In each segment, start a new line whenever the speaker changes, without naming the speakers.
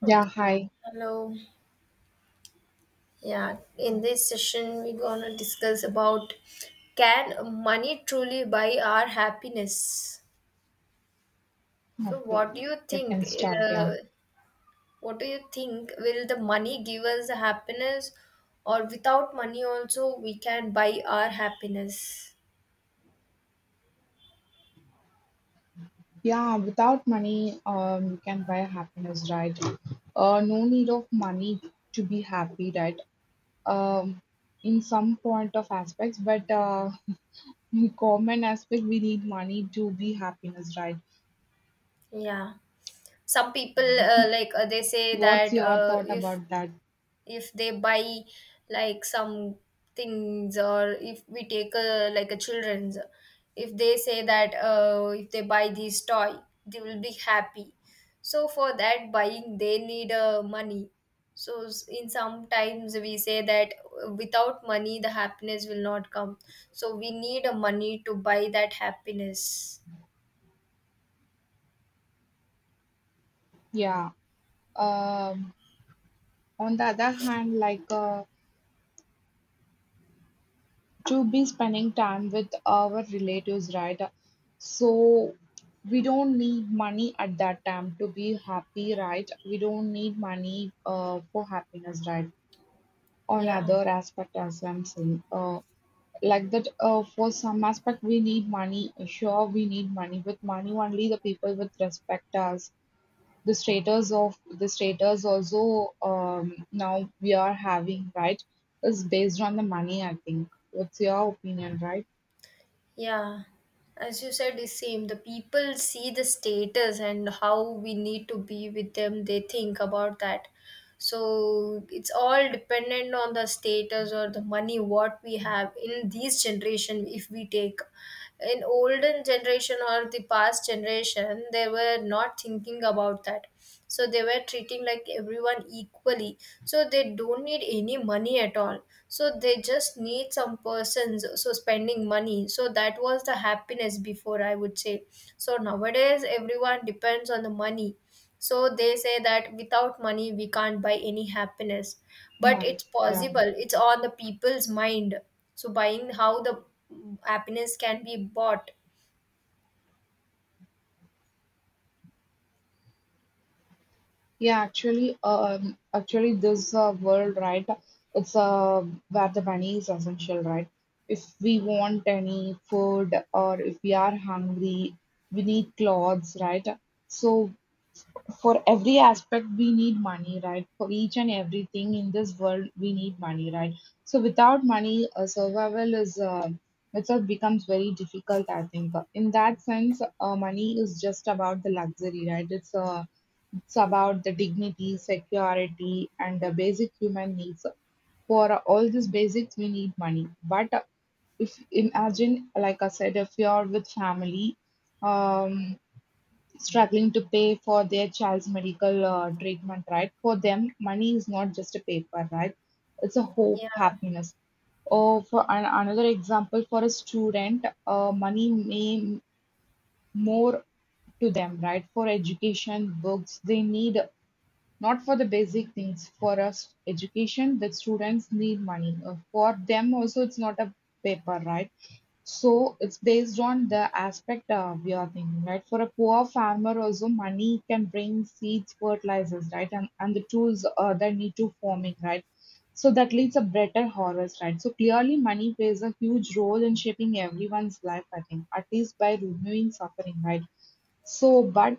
Yeah,
Okay,
hi.
hello. Yeah, in this session, we're gonna discuss about can money truly buy our happiness? So,
Okay,
what do you
you
think?
can start.
Uh,
Yeah,
what do you think? Will the money give us the happiness, or without money also we can buy our happiness?
yeah. Without money, you can buy happiness, right? No need of money to be happy, right? Um, in some point of aspects, but in common aspect, we need money to be happiness, right?
Yeah, some people like they say
What's
that
your thought
if
about that?
if they buy like some things, or if we take a like a children's, if they say that if they buy this toy they will be happy, so for that buying they need money. So in sometimes we say that without money the happiness will not come, so we need a money to buy that happiness,
Yeah. Um, on the other hand, like to be spending time with our relatives, right? So we don't need money at that time to be happy, right? We don't need money for happiness, right? On
yeah.
other aspect as I'm saying, like that. For some aspect, we need money. Sure, we need money. With money only, the people with respect us. The status of the status also now we are having, right? Is based on the money. I think. What's your opinion, right?
Yeah, as you said, the same. The people see the status and how we need to be with them. They think about that, so it's all dependent on the status or the money what we have in these generation. If we take in olden generation or the past generation, they were not thinking about that, so they were treating like everyone equally, so they don't need any money at all. So they just need some persons so spending money, so that was the happiness before, I would say. So nowadays everyone depends on the money, so they say that without money we can't buy any happiness, but
Money,
it's
yeah.
possible. It's on the people's mind. So buying how the happiness can be bought.
Yeah, actually, actually, this world, right? It's where the money is essential, right? If we want any food or if we are hungry, we need clothes, right? So for every aspect, we need money, right? For each and everything in this world, we need money, right? So without money, survival is itself becomes very difficult, I think. In that sense, money is just about the luxury, right? It's it's about the dignity, security, and the basic human needs. For all these basics, we need money. But if imagine, like I said, if you are with family, um, struggling to pay for their child's medical treatment, right? For them, money is not just a paper, right? It's a hope,
Yeah.
happiness. Or for an, another example, for a student, money may more to them, right? For education, books, they need not for the basic needs, for us education that students need money. For them also, it's not a paper, right? So it's based on the aspect we are thinking, right? For a poor farmer also, money can bring seeds, fertilizers, right? And the tools that need to farming, right? So that leads a better harvest, right? So clearly money plays a huge role in shaping everyone's life, I think, at least by removing suffering, right? So, but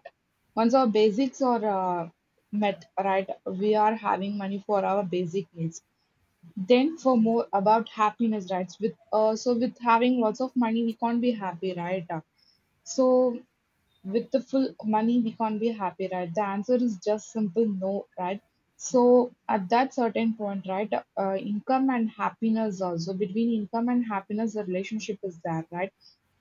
once our basics are met, right, we are having money for our basic needs. Then for more about happiness, right? With so with having lots of money, we can't be happy, right? So with the full money we can't be happy, right? The answer is just simple no, right? So at that certain point, right, income and happiness also, between income and happiness the relationship is there, right?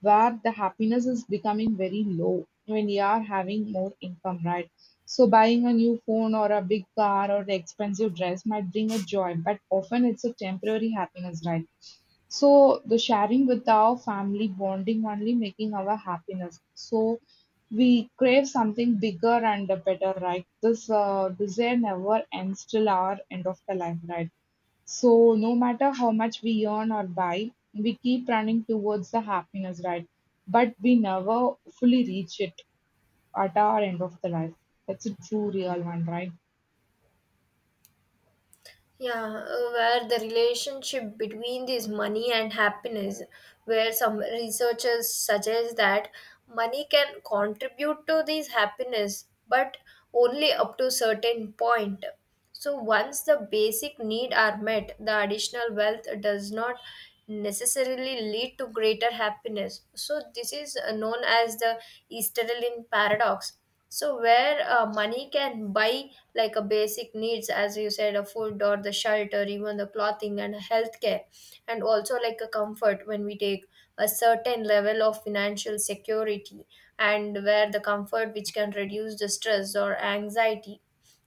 Where the happiness is becoming very low when you are having more income, right? So buying a new phone or a big car or the expensive dress might bring a joy, but often it's a temporary happiness, right? So the sharing with our family, bonding only making our happiness. So we crave something bigger and better, right? This desire never ends till our end of the life, right? So no matter how much we earn or buy, we keep running towards the happiness, right? But we never fully reach it at our end of the life. That's a true real one, right?
Yeah, where the relationship between this money and happiness, where some researchers suggest that money can contribute to this happiness, but only up to certain point. So once the basic need are met, the additional wealth does not necessarily lead to greater happiness. So this is known as the Easterlin paradox, so where money can buy like a basic needs, as you said, a food or the shelter, even the clothing and healthcare, and also like a comfort when we take a certain level of financial security, and where the comfort which can reduce the stress or anxiety.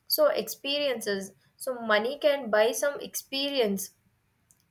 So experiences. So money can buy some experience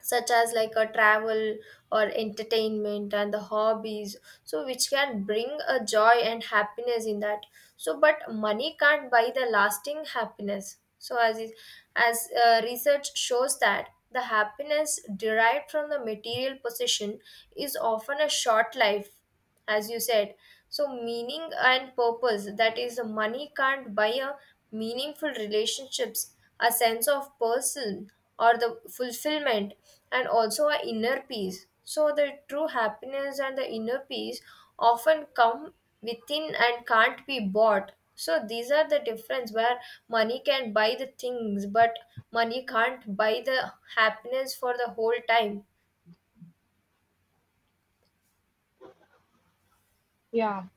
such as like a travel or entertainment and the hobbies, so which can bring a joy and happiness in that. So but money can't buy the lasting happiness, so as research shows that the happiness derived from the material possession is often a short life, as you said. So, meaning and purpose, that is, money can't buy a meaningful relationships, a sense of person, or the fulfillment, and also a inner peace. So, the true happiness and the inner peace often come within and can't be bought. So, these are the difference where money can buy the things, but money can't buy the happiness for the whole time.
Yeah.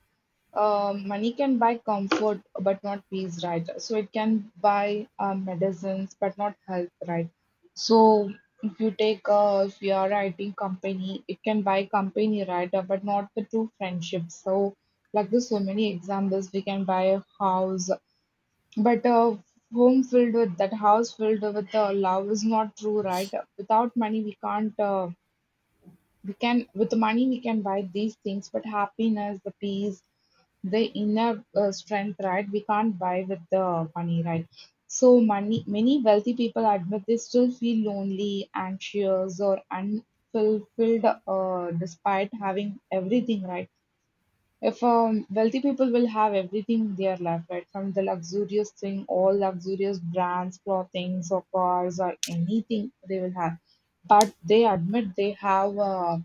Money can buy comfort, but not peace, right? So it can buy medicines, but not health, right? So if you take if you are writing company, it can buy company, right? But not the true friendship. So like this, so many examples, we can buy a house, but a home filled with that house filled with the love is not true, right? Without money, we can't. We can with the money we can buy these things, but happiness, the peace, the inner strength, right, we can't buy with the money, right? So money, many wealthy people admit they still feel lonely, anxious, or unfulfilled despite having everything, right? If wealthy people will have everything in their life, right, from the luxurious thing, all luxurious brands, clothing or cars or anything they will have, but they admit they have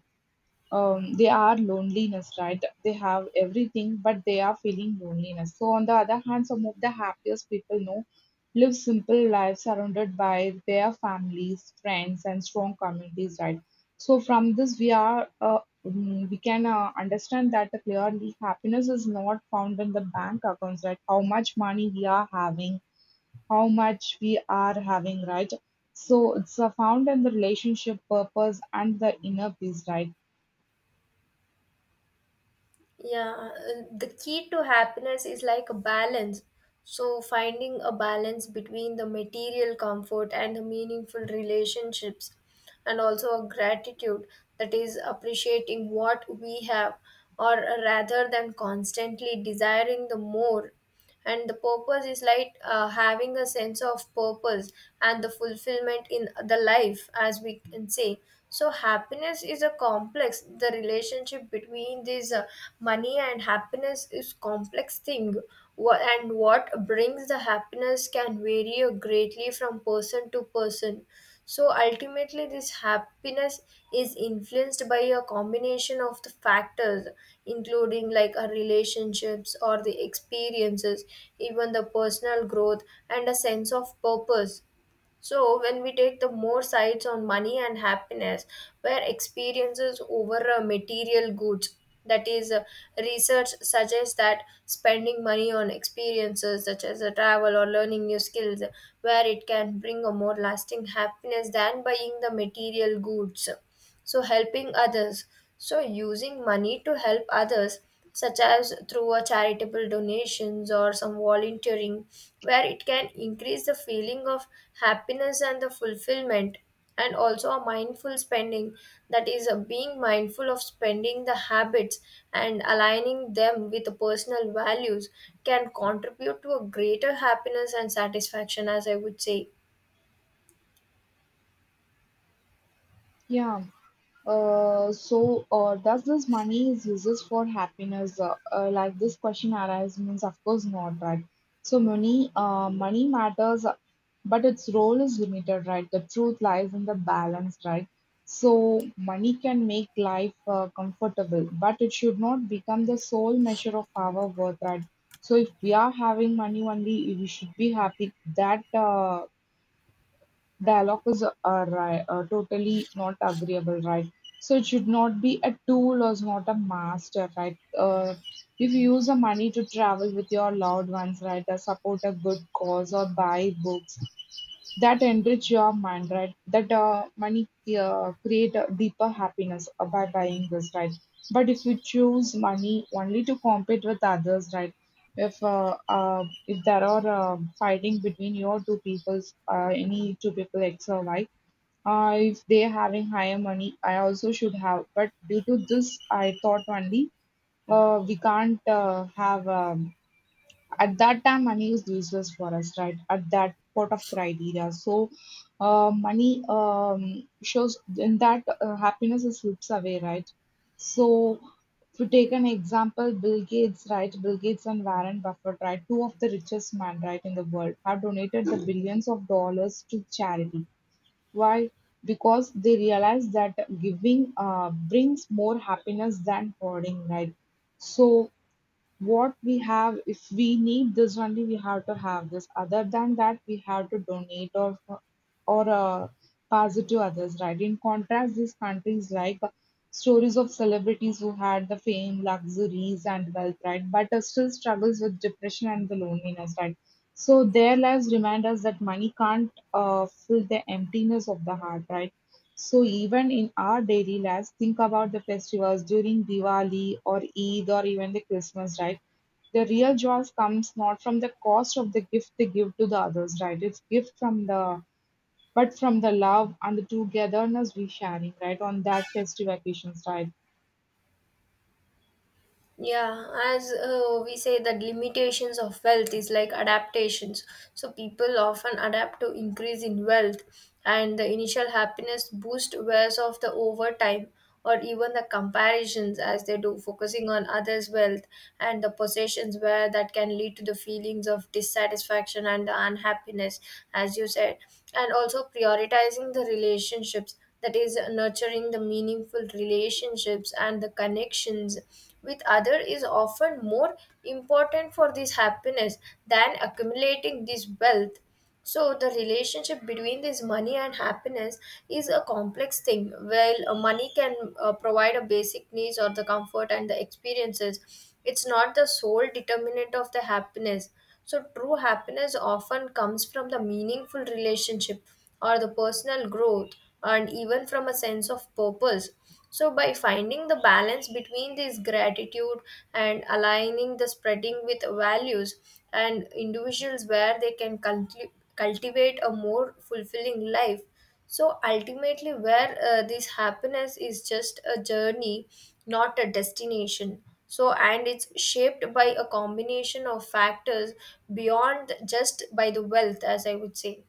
they are loneliness, right? They have everything, but they are feeling loneliness. So, on the other hand, some of the happiest people know live simple lives surrounded by their families, friends, and strong communities, right? So, from this, we are mm, we can understand that clearly happiness is not found in the bank accounts, right? How much money we are having, how much we are having, right? So, it's found in the relationship purpose and the inner peace, right?
Yeah, and the key to happiness is like a balance. So, finding a balance between the material comfort and the meaningful relationships, and also a gratitude, that is appreciating what we have, or rather than constantly desiring the more, and the purpose is like having a sense of purpose and the fulfillment in the life, as we can say. So happiness is a complex, the relationship between this money and happiness is complex thing. And what brings the happiness can vary greatly from person to person, so ultimately, this happiness is influenced by a combination of the factors, including like our relationships or the experiences, even the personal growth and a sense of purpose. So, when we take the more sides on money and happiness, where experiences over material goods, that is, research suggests that spending money on experiences such as travel or learning new skills, where it can bring a more lasting happiness than buying the material goods. So helping others, so using money to help others such as through a charitable donations or some volunteering, where it can increase the feeling of happiness and the fulfillment. And also a mindful spending, that is being mindful of spending the habits and aligning them with the personal values, can contribute to a greater happiness and satisfaction, as I would say.
Yeah. So, does this money is uses for happiness? Like this question arises means, of course not, right? So money, money matters, but its role is limited, right? The truth lies in the balance, right? So money can make life comfortable, but it should not become the sole measure of our worth, right? So if we are having money only, we should be happy. That dialogue is a right, a totally not agreeable, right? So it should not be a tool or is not a master, right? If you use the money to travel with your loved ones, right, or support a good cause or buy books that enrich your mind, right? That money create a deeper happiness by buying this, right? But if you choose money only to compete with others, right? If there are fighting between your two peoples, any two people X or Y, if they having higher money, I also should have. But due to this, I thought only we can't have. At that time money is useless for us, right, at that part of criteria. So money shows in that happiness is slips away, right? So if you take an example, Bill Gates, right, Bill Gates and Warren Buffett, right, two of the richest men, right, in the world, have donated the billions of dollars to charity. Why? Because they realize that giving brings more happiness than hoarding, right? So what we have, if we need this only, we have to have this. Other than that, we have to donate or pass it to others, right? In contrast, these countries like stories of celebrities who had the fame, luxuries, and wealth, right? But still struggles with depression and the loneliness, right? So their lives remind us that money can't fill the emptiness of the heart, right? So even in our daily lives, think about the festivals during Diwali or Eid or even the Christmas, right? The real joy comes not from the cost of the gift they give to the others, right? It's gift from the but from the love and the togetherness we sharing, right, on that festive occasions, right?
Yeah, as we say that limitations of wealth is like adaptations. So people often adapt to increase in wealth, and the initial happiness boost wears off the over time, or even the comparisons as they do focusing on others' wealth and the possessions, where that can lead to the feelings of dissatisfaction and the unhappiness, as you said. And also prioritizing the relationships, that is nurturing the meaningful relationships and the connections with other, is often more important for this happiness than accumulating this wealth. So the relationship between this money and happiness is a complex thing. While money can provide a basic needs or the comfort and the experiences, it's not the sole determinant of the happiness. So true happiness often comes from the meaningful relationship or the personal growth, and even from a sense of purpose. So, by finding the balance between this gratitude and aligning the spreading with values, and individuals where they can cultivate a more fulfilling life. So, ultimately, where this happiness is just a journey, not a destination. So, and it's shaped by a combination of factors beyond just by the wealth, as I would say.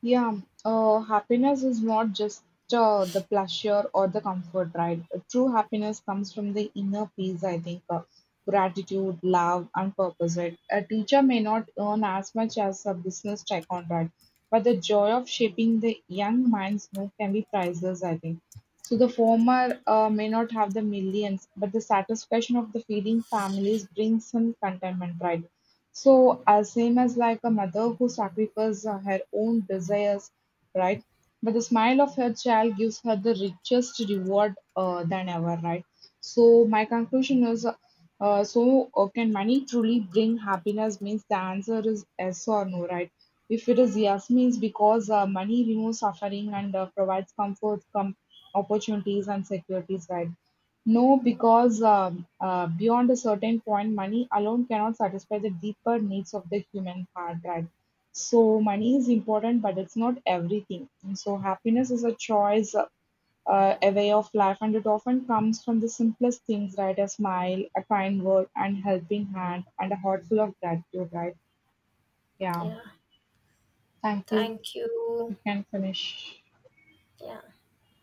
Yeah, happiness is not just the pleasure or the comfort, right? True happiness comes from the inner peace, I think. Gratitude, love, and purpose, right? A teacher may not earn as much as a business tycoon, right? But the joy of shaping the young minds no, can be priceless, I think. So the former may not have the millions, but the satisfaction of the feeding families brings some contentment, right? So, as same as like a mother who sacrifices her own desires, right? But the smile of her child gives her the richest reward than ever, right? So, my conclusion is so can money truly bring happiness? Means the answer is yes or no, right? If it is yes, means because money removes suffering and provides comfort, opportunities, and securities, right? No, because beyond a certain point, money alone cannot satisfy the deeper needs of the human heart, right? So, money is important, but it's not everything. And so, happiness is a choice, a way of life, and it often comes from the simplest things, right? A smile, a kind word, and helping hand, and a heart full of gratitude, right? Yeah.
Yeah,
Thank you.
thank you.
You can finish.
Yeah.